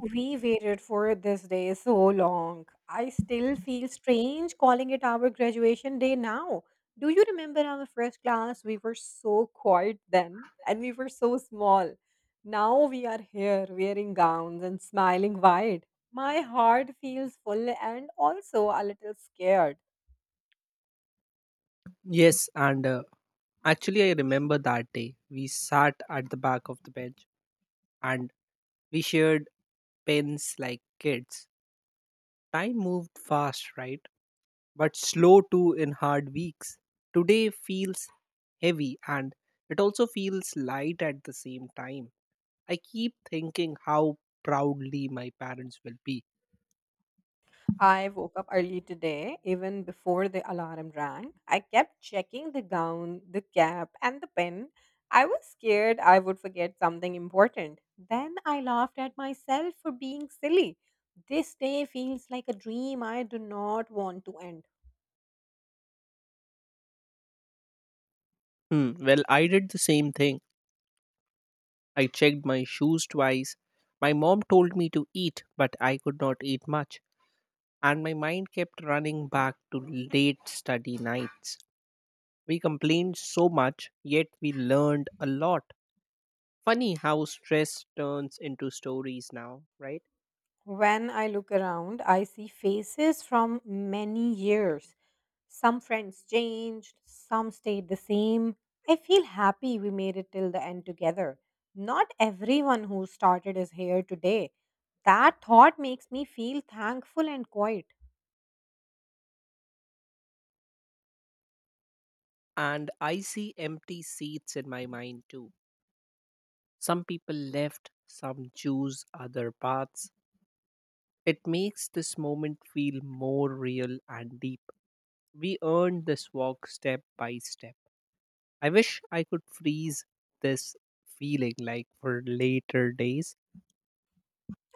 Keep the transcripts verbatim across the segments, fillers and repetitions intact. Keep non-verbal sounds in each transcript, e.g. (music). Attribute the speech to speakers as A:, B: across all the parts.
A: We waited for this day so long. I still feel strange calling it our graduation day now. Do you remember our first class? We were so quiet then and we were so small. Now we are here wearing gowns and smiling wide. My heart feels full and also a little scared.
B: Yes, and uh, actually, I remember that day. We sat at the back of the bench and we shared pens like kids. Time moved fast, right? But slow too in hard weeks. Today feels heavy and it also feels light at the same time. I keep thinking how proudly my parents will be.
A: I woke up early today, even before the alarm rang. I kept checking the gown, the cap, and the pen. I was scared I would forget something important. Then I laughed at myself for being silly. This day feels like a dream I do not want to end.
B: Hmm, well, I did the same thing. I checked my shoes twice. My mom told me to eat, but I could not eat much, and my mind kept running back to late study nights. We complained so much, yet we learned a lot. Funny how stress turns into stories now, right?
A: When I look around, I see faces from many years. Some friends changed, some stayed the same. I feel happy we made it till the end together. Not everyone who started is here today. That thought makes me feel thankful and quiet.
B: And I see empty seats in my mind too. Some people left, some choose other paths. It makes this moment feel more real and deep. We earned this walk step by step. I wish I could freeze this feeling like for later days.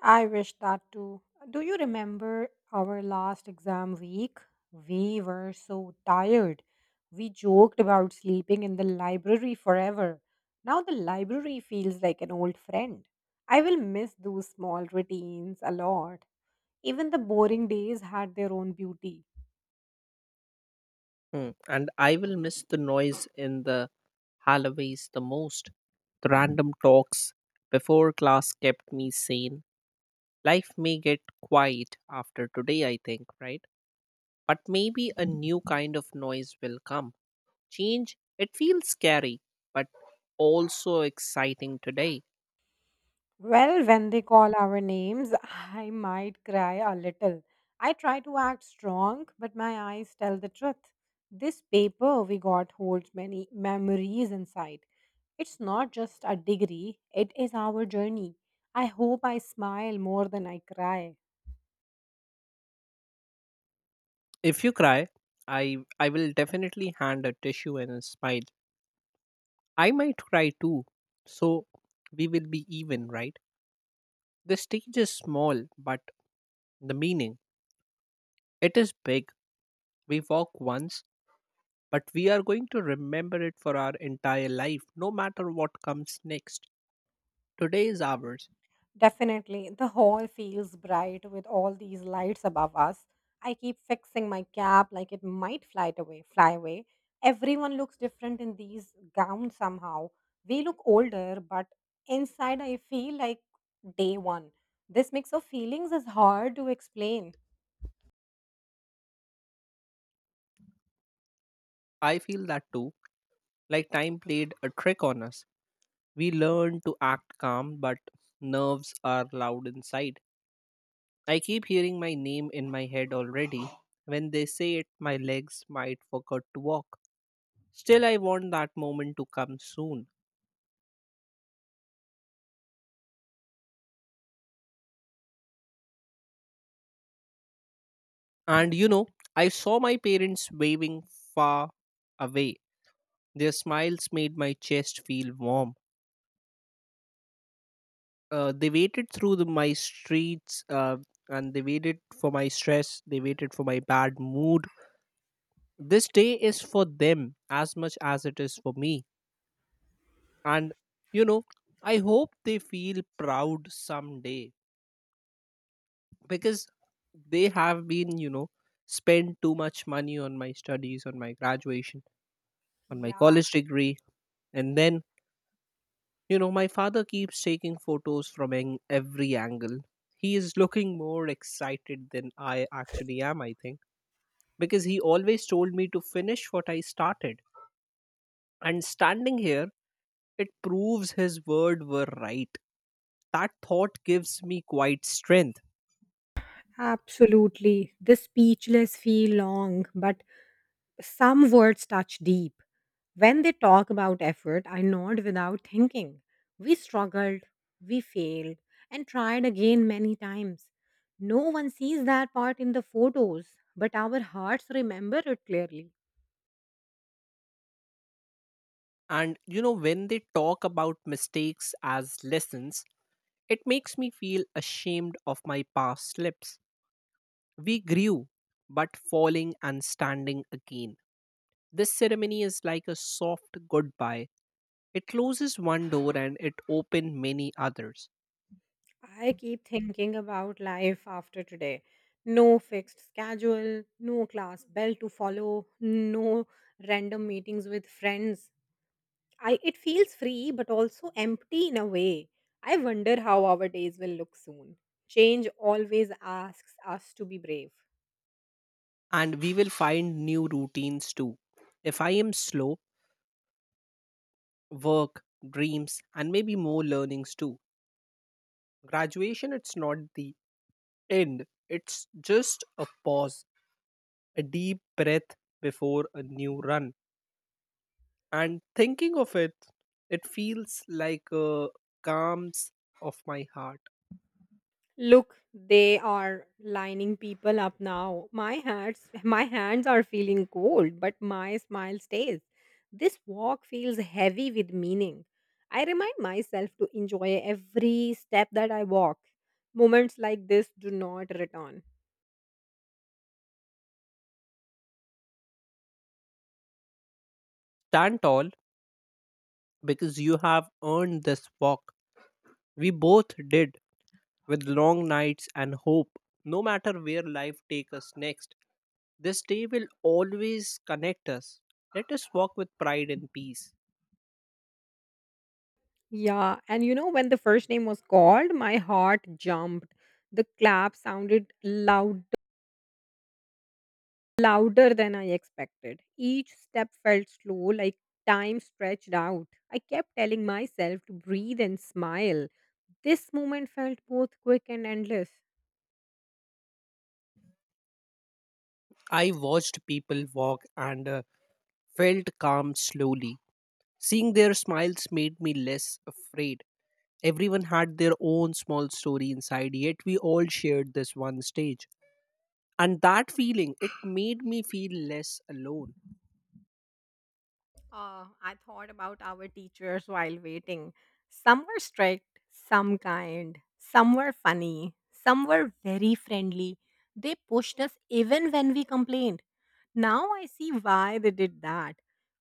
A: I wish that too. Do you remember our last exam week? We were so tired. We joked about sleeping in the library forever. Now the library feels like an old friend. I will miss those small routines a lot. Even the boring days had their own beauty.
B: Hmm, And I will miss the noise in the hallways the most. The random talks before class kept me sane. Life may get quiet after today, I think, right? But maybe a new kind of noise will come. Change, it feels scary, but also exciting today.
A: Well, when they call our names, (laughs) I might cry a little. I try to act strong, but my eyes tell the truth. This paper we got holds many memories inside. It's not just a degree, it is our journey. I hope I smile more than I cry.
B: If you cry, I I will definitely hand a tissue and a smile. I might cry too. So we will be even, right? The stage is small, but the meaning, it is big. We walk once, but we are going to remember it for our entire life, no matter what comes next. Today is ours.
A: Definitely, the hall feels bright with all these lights above us. I keep fixing my cap like it might fly it away, fly away. Everyone looks different in these gowns somehow. We look older, but inside I feel like day one. This mix of feelings is hard to explain.
B: I feel that too, like time played a trick on us. We learn to act calm, but nerves are loud inside. I keep hearing my name in my head already. When they say it, my legs might forget to walk. Still, I want that moment to come soon. And you know, I saw my parents waving far away. Their smiles made my chest feel warm. Uh, they waited through the, my streets uh, and they waited for my stress. They waited for my bad mood. This day is for them as much as it is for me. And you know, I hope they feel proud someday because they have been, you know, spent too much money on my studies, on my graduation, on my
A: Yeah,
B: college degree, and then You know, my father keeps taking photos from ang- every angle. He is looking more excited than I actually am, I think, because he always told me to finish what I started. And standing here, it proves his word were right. That thought gives me quite strength.
A: absolutely. The speechless feel long, but some words touch deep. When they talk about effort, I nod without thinking. We struggled, we failed, and tried again many times. No one sees that part in the photos, but our hearts remember it clearly.
B: And you know, when they talk about mistakes as lessons, it makes me feel ashamed of my past slips. We grew, but falling and standing again. This ceremony is like a soft goodbye. It closes one door and it opens many others.
A: I keep thinking about life after today. No fixed schedule, no class bell to follow, no random meetings with friends. I it feels free but also empty in a way. I wonder how our days will look soon. Change always asks us to be brave.
B: And we will find new routines too. If I am slow, work, dreams, and maybe more learnings too. Graduation, it's not the end, it's just a pause, a deep breath before a new run. And thinking of it, it feels like a calms of my heart.
A: Look, they are lining people up now. My hands my hands are feeling cold, but my smile stays. This walk feels heavy with meaning. I remind myself to enjoy every step that I walk. Moments like this do not return.
B: Stand tall because you have earned this walk. We both did, with long nights and hope. No matter where life takes us next, this day will always connect us. Let us walk with pride and peace.
A: Yeah, and you know, when the first name was called, my heart jumped. The clap sounded loud, louder than I expected. Each step felt slow, like time stretched out. I kept telling myself to breathe and smile. This moment felt both quick and endless.
B: I watched people walk and uh, felt calm slowly. Seeing their smiles made me less afraid. Everyone had their own small story inside, yet we all shared this one stage. And that feeling, it made me feel less alone.
A: Uh, I thought about our teachers while waiting. Some were strict, some kind, some were funny, some were very friendly. They pushed us even when we complained. Now I see why they did that.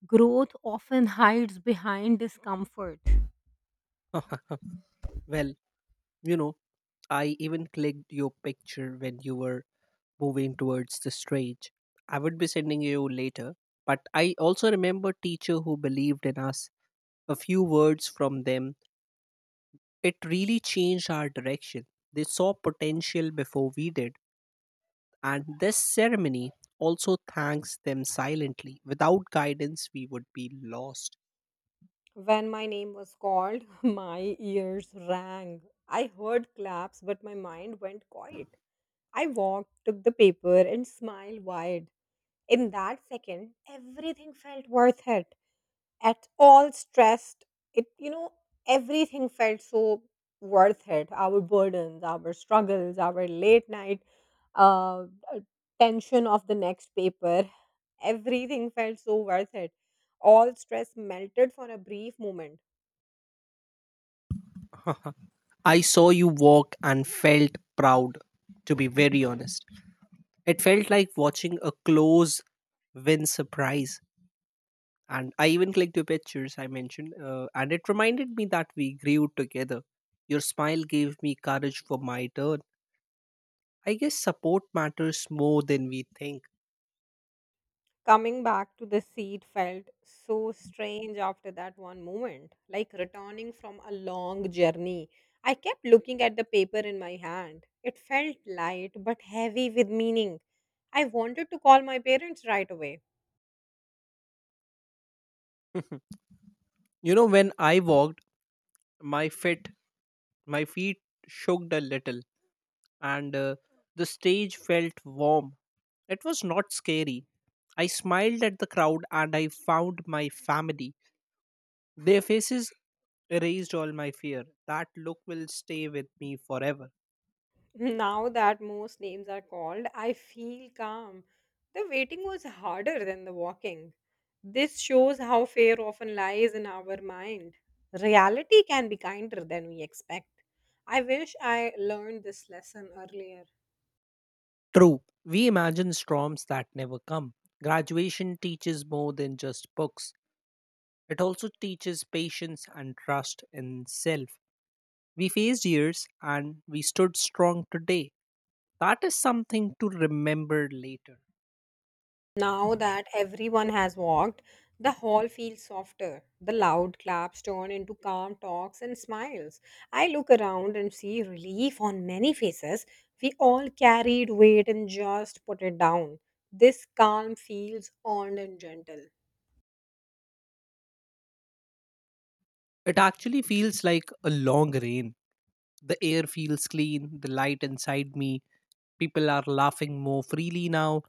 A: Growth often hides behind discomfort.
B: (laughs) well, you know. I even clicked your picture when you were moving towards the stage. I would be sending you later, but I also remember teacher who believed in us. A few words from them, it really changed our direction. They saw potential before we did, and this ceremony also thanks them silently. Without guidance, we would be lost.
A: When my name was called, (laughs) my ears rang. I heard claps, but my mind went quiet. I walked, took the paper, and smiled wide. In that second, everything felt worth it. At all stressed. It, you know, Everything felt so worth it. Our burdens, our struggles, our late night uh, uh, tension of the next paper, everything felt so worth it. All stress melted for a brief moment.
B: (laughs) I saw you walk and felt proud, to be very honest. It felt like watching a close win surprise. And I even clicked your pictures I mentioned, uh, and it reminded me that we grew together. Your smile gave me courage for my turn. I guess support matters more than we think. (laughs)
A: Coming back to the seat felt so strange after that one moment, like returning from a long journey. I kept looking at the paper in my hand. It felt light but heavy with meaning. I wanted to call my parents right away.
B: Mhm. You know, when I walked, my feet, my feet shook a little, and uh, the stage felt warm. It was not scary. I smiled at the crowd, and I found my family. Their faces erased all my fear. That look will stay with me forever.
A: Now that most names are called, I feel calm. The waiting was harder than the walking. This shows how fear often lies in our mind. Reality can be kinder than we expect. I wish I learned this lesson earlier.
B: True, we imagine storms that never come. Graduation teaches more than just books, it also teaches patience and trust in self. We faced years and we stood strong today. That is something to remember later.
A: Now that everyone has walked, the hall feels softer. The loud claps turn into calm talks and smiles. I look around and see relief on many faces. We all carried weight and just put it down. This calm feels earned and gentle.
B: It actually feels like a long rain. The air feels clean, the light inside me. People are laughing more freely now.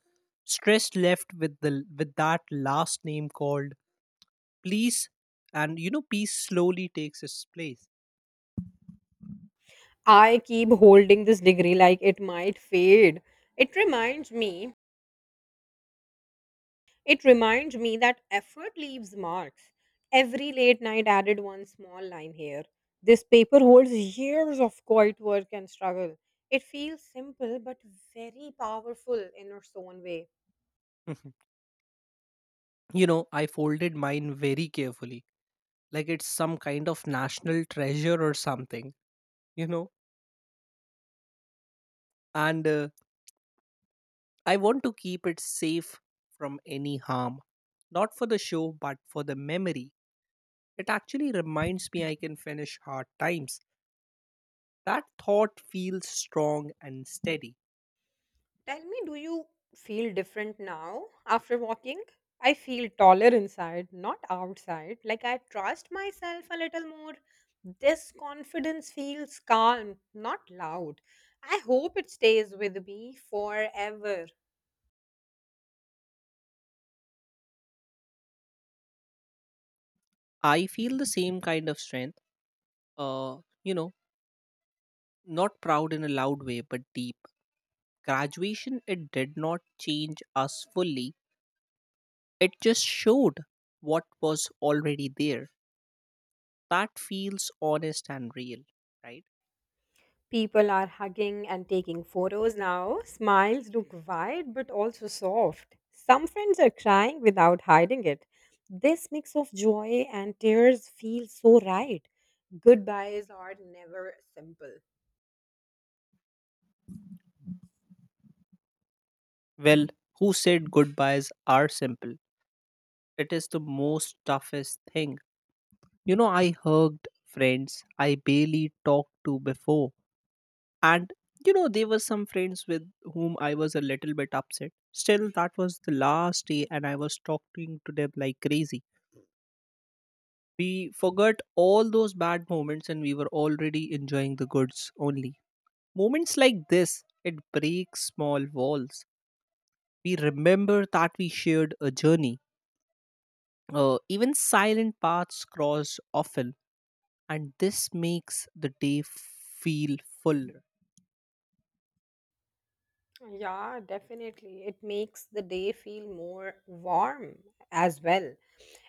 B: Stress left with the with that last name called please, and you know peace slowly takes its place.
A: I keep holding this degree like it might fade. It reminds me It reminds me that effort leaves marks. Every late night added one small line here. This paper holds years of quiet work and struggle. It feels simple but very powerful in its own way.
B: (laughs) you know, I folded mine very carefully, like it's some kind of national treasure or something. You know, and uh, I want to keep it safe from any harm, not for the show, but for the memory. It actually reminds me I can finish hard times. That thought feels strong and steady.
A: Tell me, do you feel different now after walking? I feel taller inside, not outside. Like I trust myself a little more. This confidence feels calm, not loud. I hope it stays with me forever.
B: I feel the same kind of strength. Uh, you know, Not proud in a loud way, but deep. Graduation, it did not change us fully. It just showed what was already there. That feels honest and real, right?
A: People are hugging and taking photos now. Smiles look wide but also soft. Some friends are crying without hiding it. This mix of joy and tears feels so right. Goodbyes are never simple.
B: Well, who said goodbyes are simple? It is the most toughest thing. You know, I hugged friends I barely talked to before. And you know, there were some friends with whom I was a little bit upset. Still, that was the last day, and I was talking to them like crazy. We forgot all those bad moments and we were already enjoying the goods only. Moments like this, it breaks small walls. We remember that we shared a journey. Uh, even silent paths cross often, and this makes the day feel full.
A: Yeah, definitely. It makes the day feel more warm as well.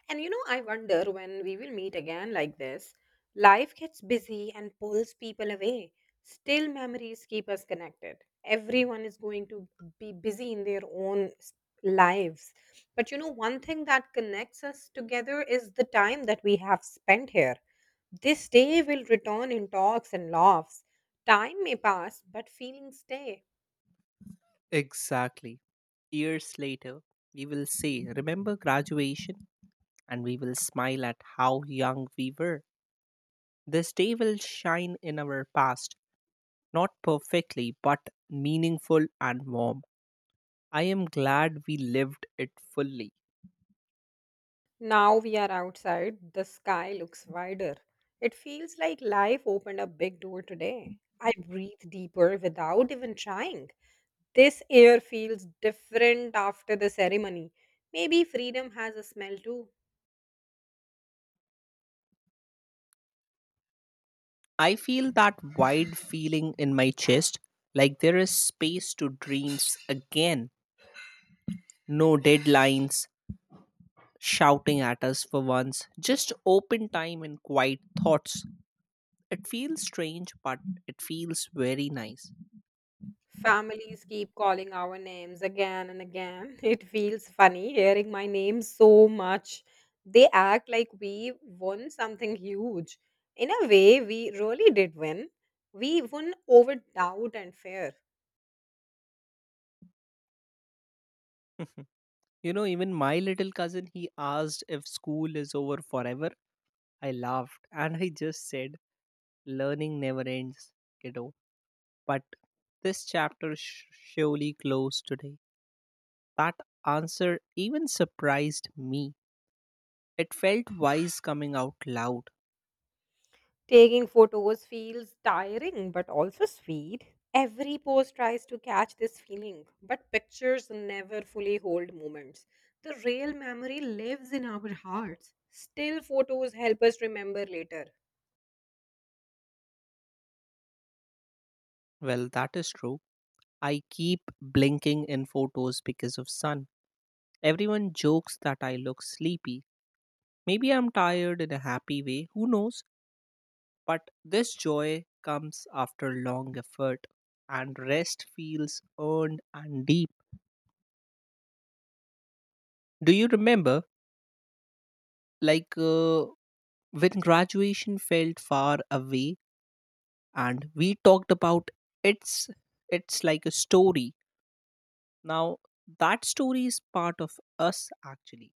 A: And you know, I wonder when we will meet again like this. Life gets busy and pulls people away. Still, memories keep us connected. Everyone is going to be busy in their own s- lives. But you know, one thing that connects us together is the time that we have spent here. This day will return in talks and laughs. Time may pass, but feelings stay.
B: Exactly. Years later, we will say, "Remember graduation?" And we will smile at how young we were. This day will shine in our past, not perfectly, but meaningful and warm. I am glad we lived it fully.
A: Now we are outside, the sky looks wider. It feels like life opened a big door today. I breathe deeper without even trying. This air feels different after the ceremony. Maybe freedom has a smell too.
B: I feel that wide feeling in my chest, like there is space to dreams again. No deadlines shouting at us for once, just open time and quiet thoughts. It feels strange, but it feels very nice.
A: Families keep calling our names again and again. (laughs) It feels funny hearing my name so much. They act like we won something huge. In a way, we really did win. We won over doubt and fear.
B: (laughs) You know, even my little cousin, he asked if school is over forever. I laughed and I just said, "Learning never ends, kiddo." But this chapter sh- surely closed today. That answer even surprised me. It felt wise coming out loud.
A: Taking photos feels tiring but also sweet. Every pose tries to catch this feeling, but pictures never fully hold moments. The real memory lives in our hearts. Still, photos help us remember later.
B: Well, that is true. I keep blinking in photos because of sun. Everyone jokes that I look sleepy. Maybe I'm tired in a happy way, who knows? But this joy comes after long effort, and rest feels earned and deep. Do you remember, like, uh, when graduation felt far away and we talked about it's it's like a story. Now that story is part of us, actually.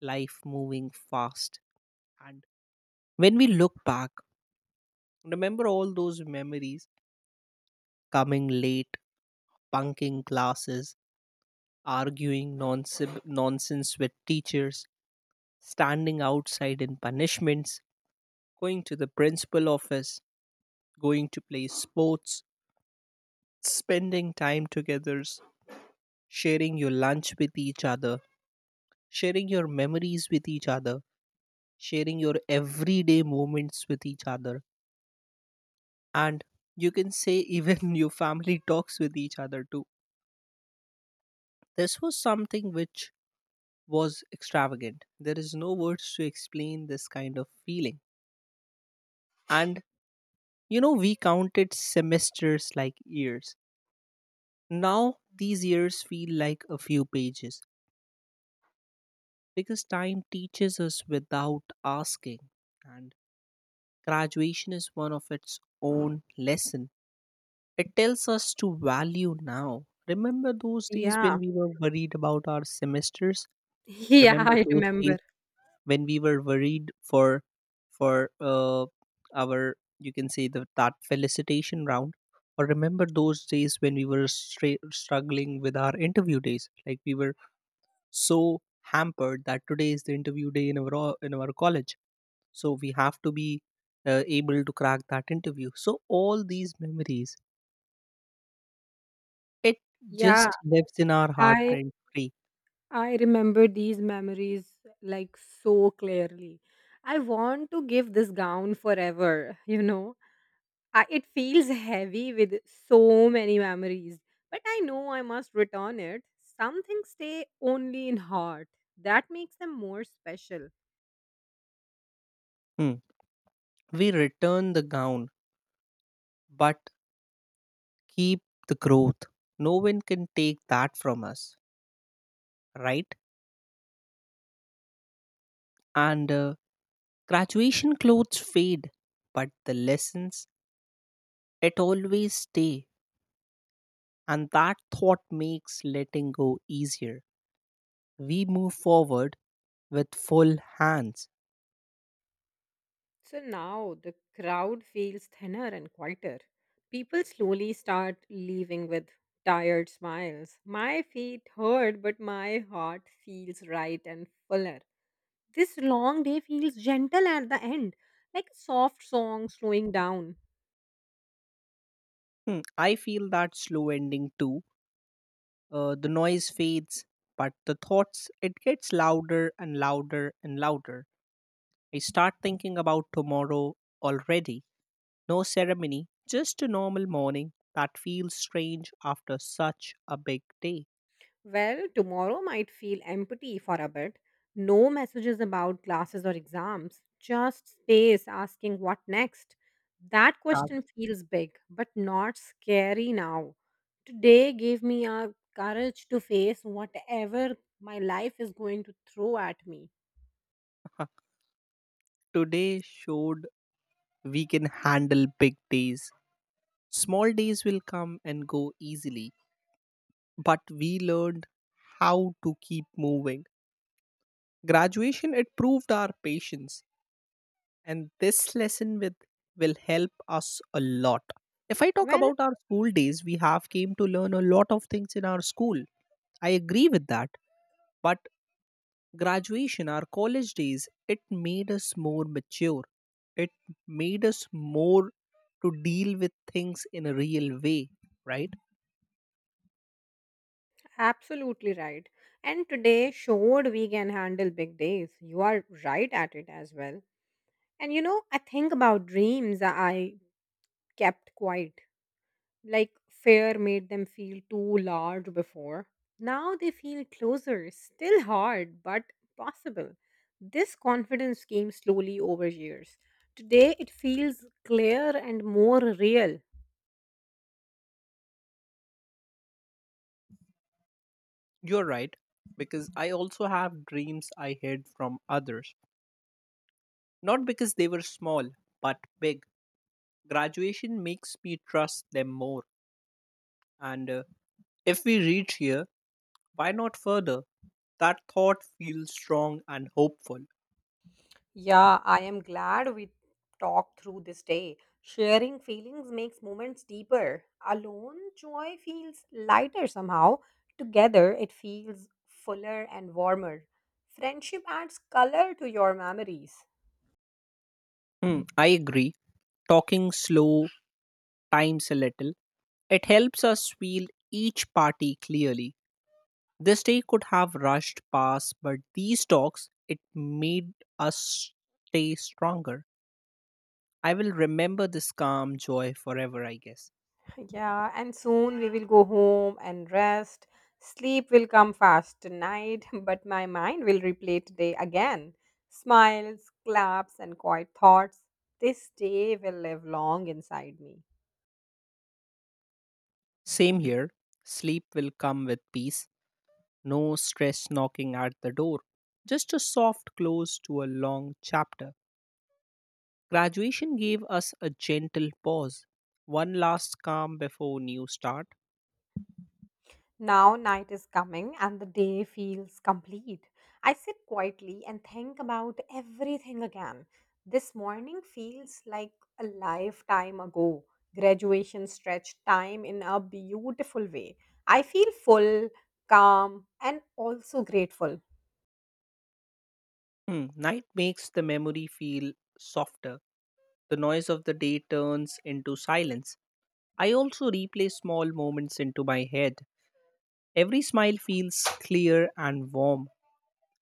B: Life moving fast, and when we look back, remember all those memories: coming late, bunking classes, arguing nonsense nonsense with teachers, standing outside in punishments, going to the principal office, going to play sports, spending time together, sharing your lunch with each other, sharing your memories with each other, sharing your everyday moments with each other, and you can say even (laughs) your family talks with each other too. This was something which was extravagant. There is no words to explain this kind of feeling. And you know, we counted semesters like years. Now these years feel like a few pages because time teaches us without asking. And graduation is one of its own lesson. It tells us to value now. Remember those days when
A: Yeah.
B: we
A: (laughs)
B: were worried about our semesters?
A: Yeah,
B: Remember
A: I
B: those
A: remember.
B: days when we were worried for for uh, our, you can say, the that felicitation round, or remember those days when we were stra- struggling with our interview days, like we were so hampered that today is the interview day in our o- in our college, so we have to be uh, able to crack that interview. So all these memories, it
A: Yeah,
B: just lives in our heart
A: I
B: rent free.
A: I remember these memories like so clearly. I want to give this gown forever, (laughs) you know. I, it feels heavy with so many memories, but I know I must return it. Some things stay only in heart. That makes them more special.
B: Hmm. We return the gown, but keep the growth. No one can take that from us, right? And uh, graduation clothes fade, but the lessons, it always stay. And that thought makes letting go easier. We move forward with full hands.
A: So now the crowd feels thinner and quieter. People slowly start leaving with tired smiles. My feet hurt, but my heart feels right and fuller. This long day feels gentle at the end, like a soft song slowing down.
B: Hmm, I feel that slow ending too. Uh, the noise fades, but the thoughts, it gets louder and louder and louder. I start thinking about tomorrow already. No ceremony, just a normal morning that feels strange after such a big day.
A: Well, tomorrow might feel empty for a bit. No messages about classes or exams, just space asking what next. That
B: That—
A: question feels big, but not scary now. Today gave me a courage to face whatever my life is going to throw at me.
B: (laughs) Today showed we can handle big days. Small days will come and go easily, but we learned how to keep moving. Graduation, it proved our patience, and this lesson with, will help us a lot. If I talk
A: Well,
B: about our school days, we have came to learn a lot of things in our school. I agree with that. But graduation, our college days, it made us more mature. It made us more to deal with things in a real way, right?
A: absolutely right. And today showed we can handle big days. You are right at it as well. And you know, I think about dreams I kept quiet. Like fear made them feel too large before. Now they feel closer, still hard, but possible. This confidence came slowly over years. Today it feels clear and more real.
B: You're right, because I also have dreams I hid from others. Not because they were small, but big. Graduation makes me trust them more. And uh, If we reach here, why not further? That thought feels strong and hopeful.
A: Yeah, I am glad we talked through this day. Sharing feelings makes moments deeper. Alone, joy feels lighter somehow. Together, it feels fuller and warmer. Friendship adds color to your memories.
B: Hmm, I agree. Talking slow, times a little, it helps us feel each party clearly. This day could have rushed past, but these talks it made us stay stronger. I will remember this calm joy forever, I guess.
A: Yeah, and soon we will go home and rest. Sleep will come fast tonight, (laughs) but my mind will replay today again. Smiles, claps, and quiet thoughts. This day will live long inside me.
B: Same here. Sleep will come with peace, no stress knocking at the door. Just a soft close to a long chapter. Graduation gave us a gentle pause, one last calm before new start.
A: Now night is coming and the day feels complete. I sit quietly and think about everything again. This morning feels like a lifetime ago. Graduation stretched time in a beautiful way. I feel full, calm, and also grateful.
B: Hmm, night makes the memory feel softer. The noise of the day turns into silence. I also replay small moments into my head. Every smile feels clear and warm,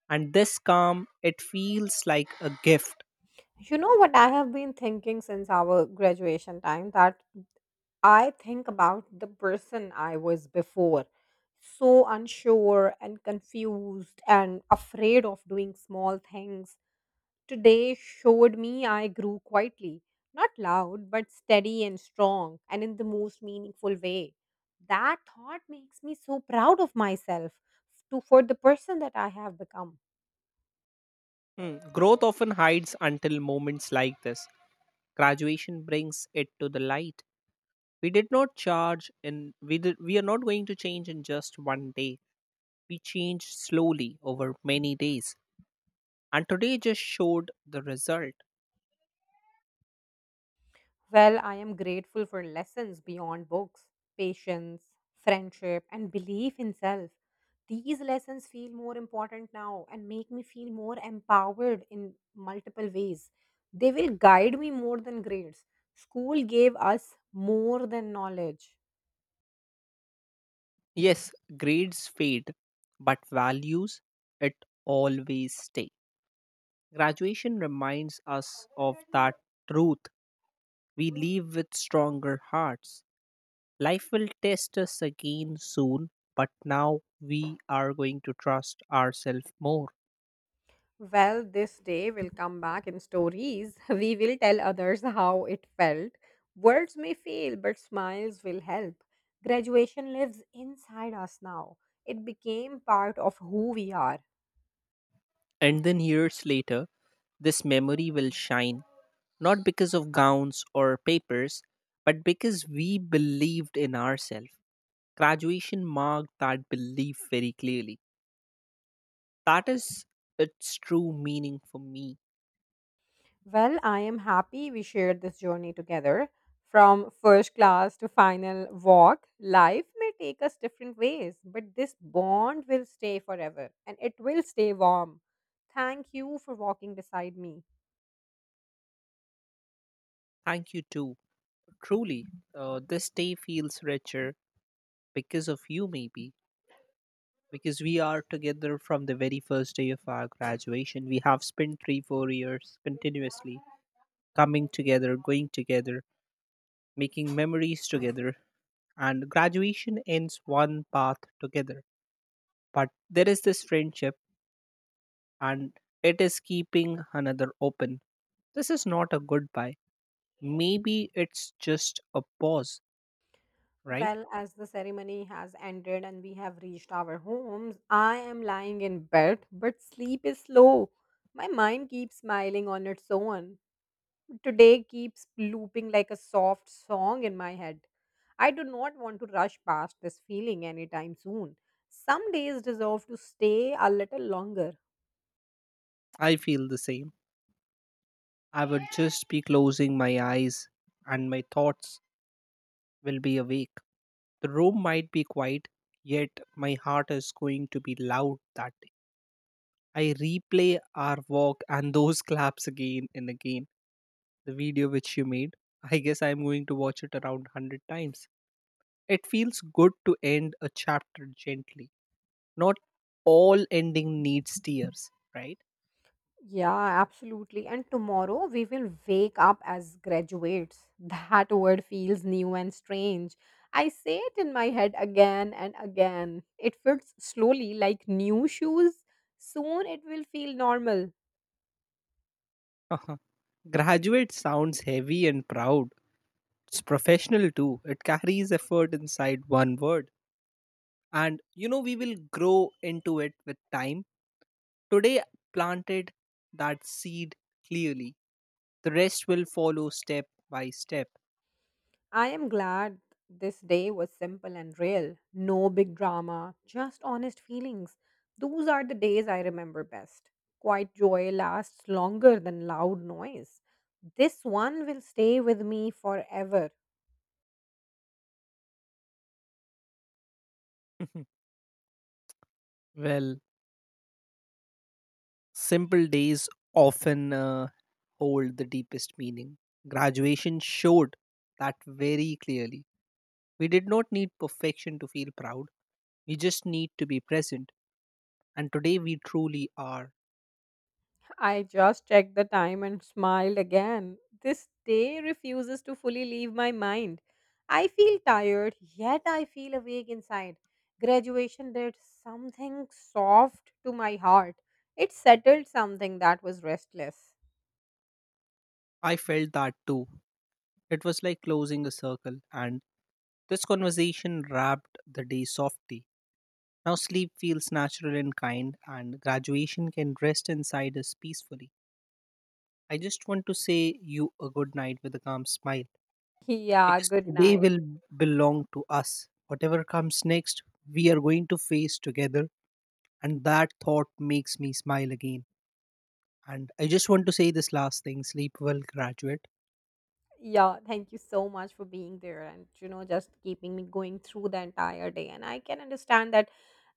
B: and this calm, it feels like a gift.
A: You know what I have been thinking since our graduation time, that I think about the person I was before, so unsure and confused and afraid of doing small things. Today showed me I grew quietly, not loud, but steady and strong, and in the most meaningful way. That thought makes me so proud of myself to, for the person that I have become.
B: Hmm, growth often hides until moments like this. Graduation brings it to the light. We did not charge in we did, We are not going to change in just one day. We changed slowly over many days. And today just showed the result.
A: Well, I am grateful for lessons beyond books, patience, friendship, and belief in self. These lessons feel more important now and make me feel more empowered in multiple ways. They will guide me more than grades. School gave us more than knowledge.
B: Yes, grades fade, but values, it always stay. Graduation reminds us of that truth. We leave with stronger hearts. Life will test us again soon, but now we are going to trust ourselves more.
A: Well, this day will come back in stories. (laughs) We will tell others how it felt. Words may fail, but smiles will help. Graduation lives inside us now. It became part of who we are.
B: And then years later, this memory will shine, not because of gowns or papers, but because we believed in ourselves. Graduation marked that belief very clearly. That is its true meaning for me.
A: Well, I am happy we shared this journey together. From first class to final walk, life may take us different ways, but this bond will stay forever and it will stay warm. Thank you for walking beside me.
B: Thank you too. Truly, uh, this day feels richer because of you, maybe. Because we are together from the very first day of our graduation. We have spent three, four years continuously coming together, going together, making memories together. And graduation ends one path together. But there is this friendship, and it is keeping another open. This is not a goodbye. Maybe it's just a pause, right?
A: Well, as the ceremony has ended and we have reached our homes, I am lying in bed, but sleep is slow. My mind keeps smiling on its own. Today keeps looping like a soft song in my head. I do not want to rush past this feeling anytime soon. Some days deserve to stay a little longer.
B: I feel the same. I would just be closing my eyes and my thoughts will be awake. The room might be quiet, yet my heart is going to be loud that day. I replay our walk and those (laughs) claps again and again. The video which you made, I guess I'm going to watch it around a hundred times. It feels good to end a chapter gently. Not all ending needs tears, right?
A: Yeah, absolutely. And tomorrow we will wake up as graduates. (laughs) That word feels new and strange. I say it in my head again and again. It fits slowly like new shoes. Soon it will feel normal.
B: Uh-huh. Graduate sounds heavy and proud. It's professional too. It carries effort inside one word. And you know, we will grow into it with time. Today, planted that seed clearly. The rest will follow step by step.
A: I am glad this day was simple and real. No big drama, just honest feelings. Those are the days I remember best. Quiet joy lasts longer than loud noise. This one will stay with me forever.
B: (laughs) Well, simple days often uh, hold the deepest meaning. Graduation showed that very clearly. We did not need perfection to feel proud, we just need to be present. And today we truly are.
A: I just checked the time and smiled again. This day refuses to fully leave my mind. I feel tired, yet I feel awake inside. Graduation did something soft to my heart. It settled something that was restless.
B: I felt that too. It was like closing a circle, and this conversation wrapped the day softly. Now sleep feels natural and kind, and graduation can rest inside us peacefully. I just want to say you a good night with a calm smile
A: (laughs) Yeah,
B: because
A: good
B: today
A: night.
B: will belong to us. Whatever comes next, we are going to face together, and that thought makes me smile again. And I just want to say this last thing, sleep well, graduate.
A: Yeah, thank you so much for being there and you know just keeping me going through the entire day. And I can understand that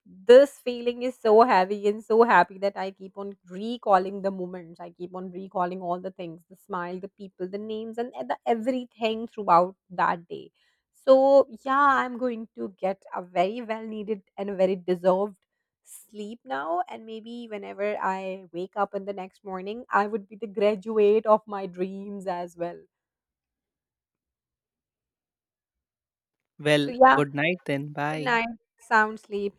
A: this feeling is so heavy and so happy that I keep on recalling the moments. I keep on recalling all the things, the smile, the people, the names, and the everything throughout that day. So yeah, I'm going to get a very well needed and a very deserved sleep now, and maybe whenever I wake up in the next morning I would be the graduate of my dreams as well. So,
B: Well,
A: yeah,
B: good night then.
A: good
B: Bye.
A: night, sound sleep.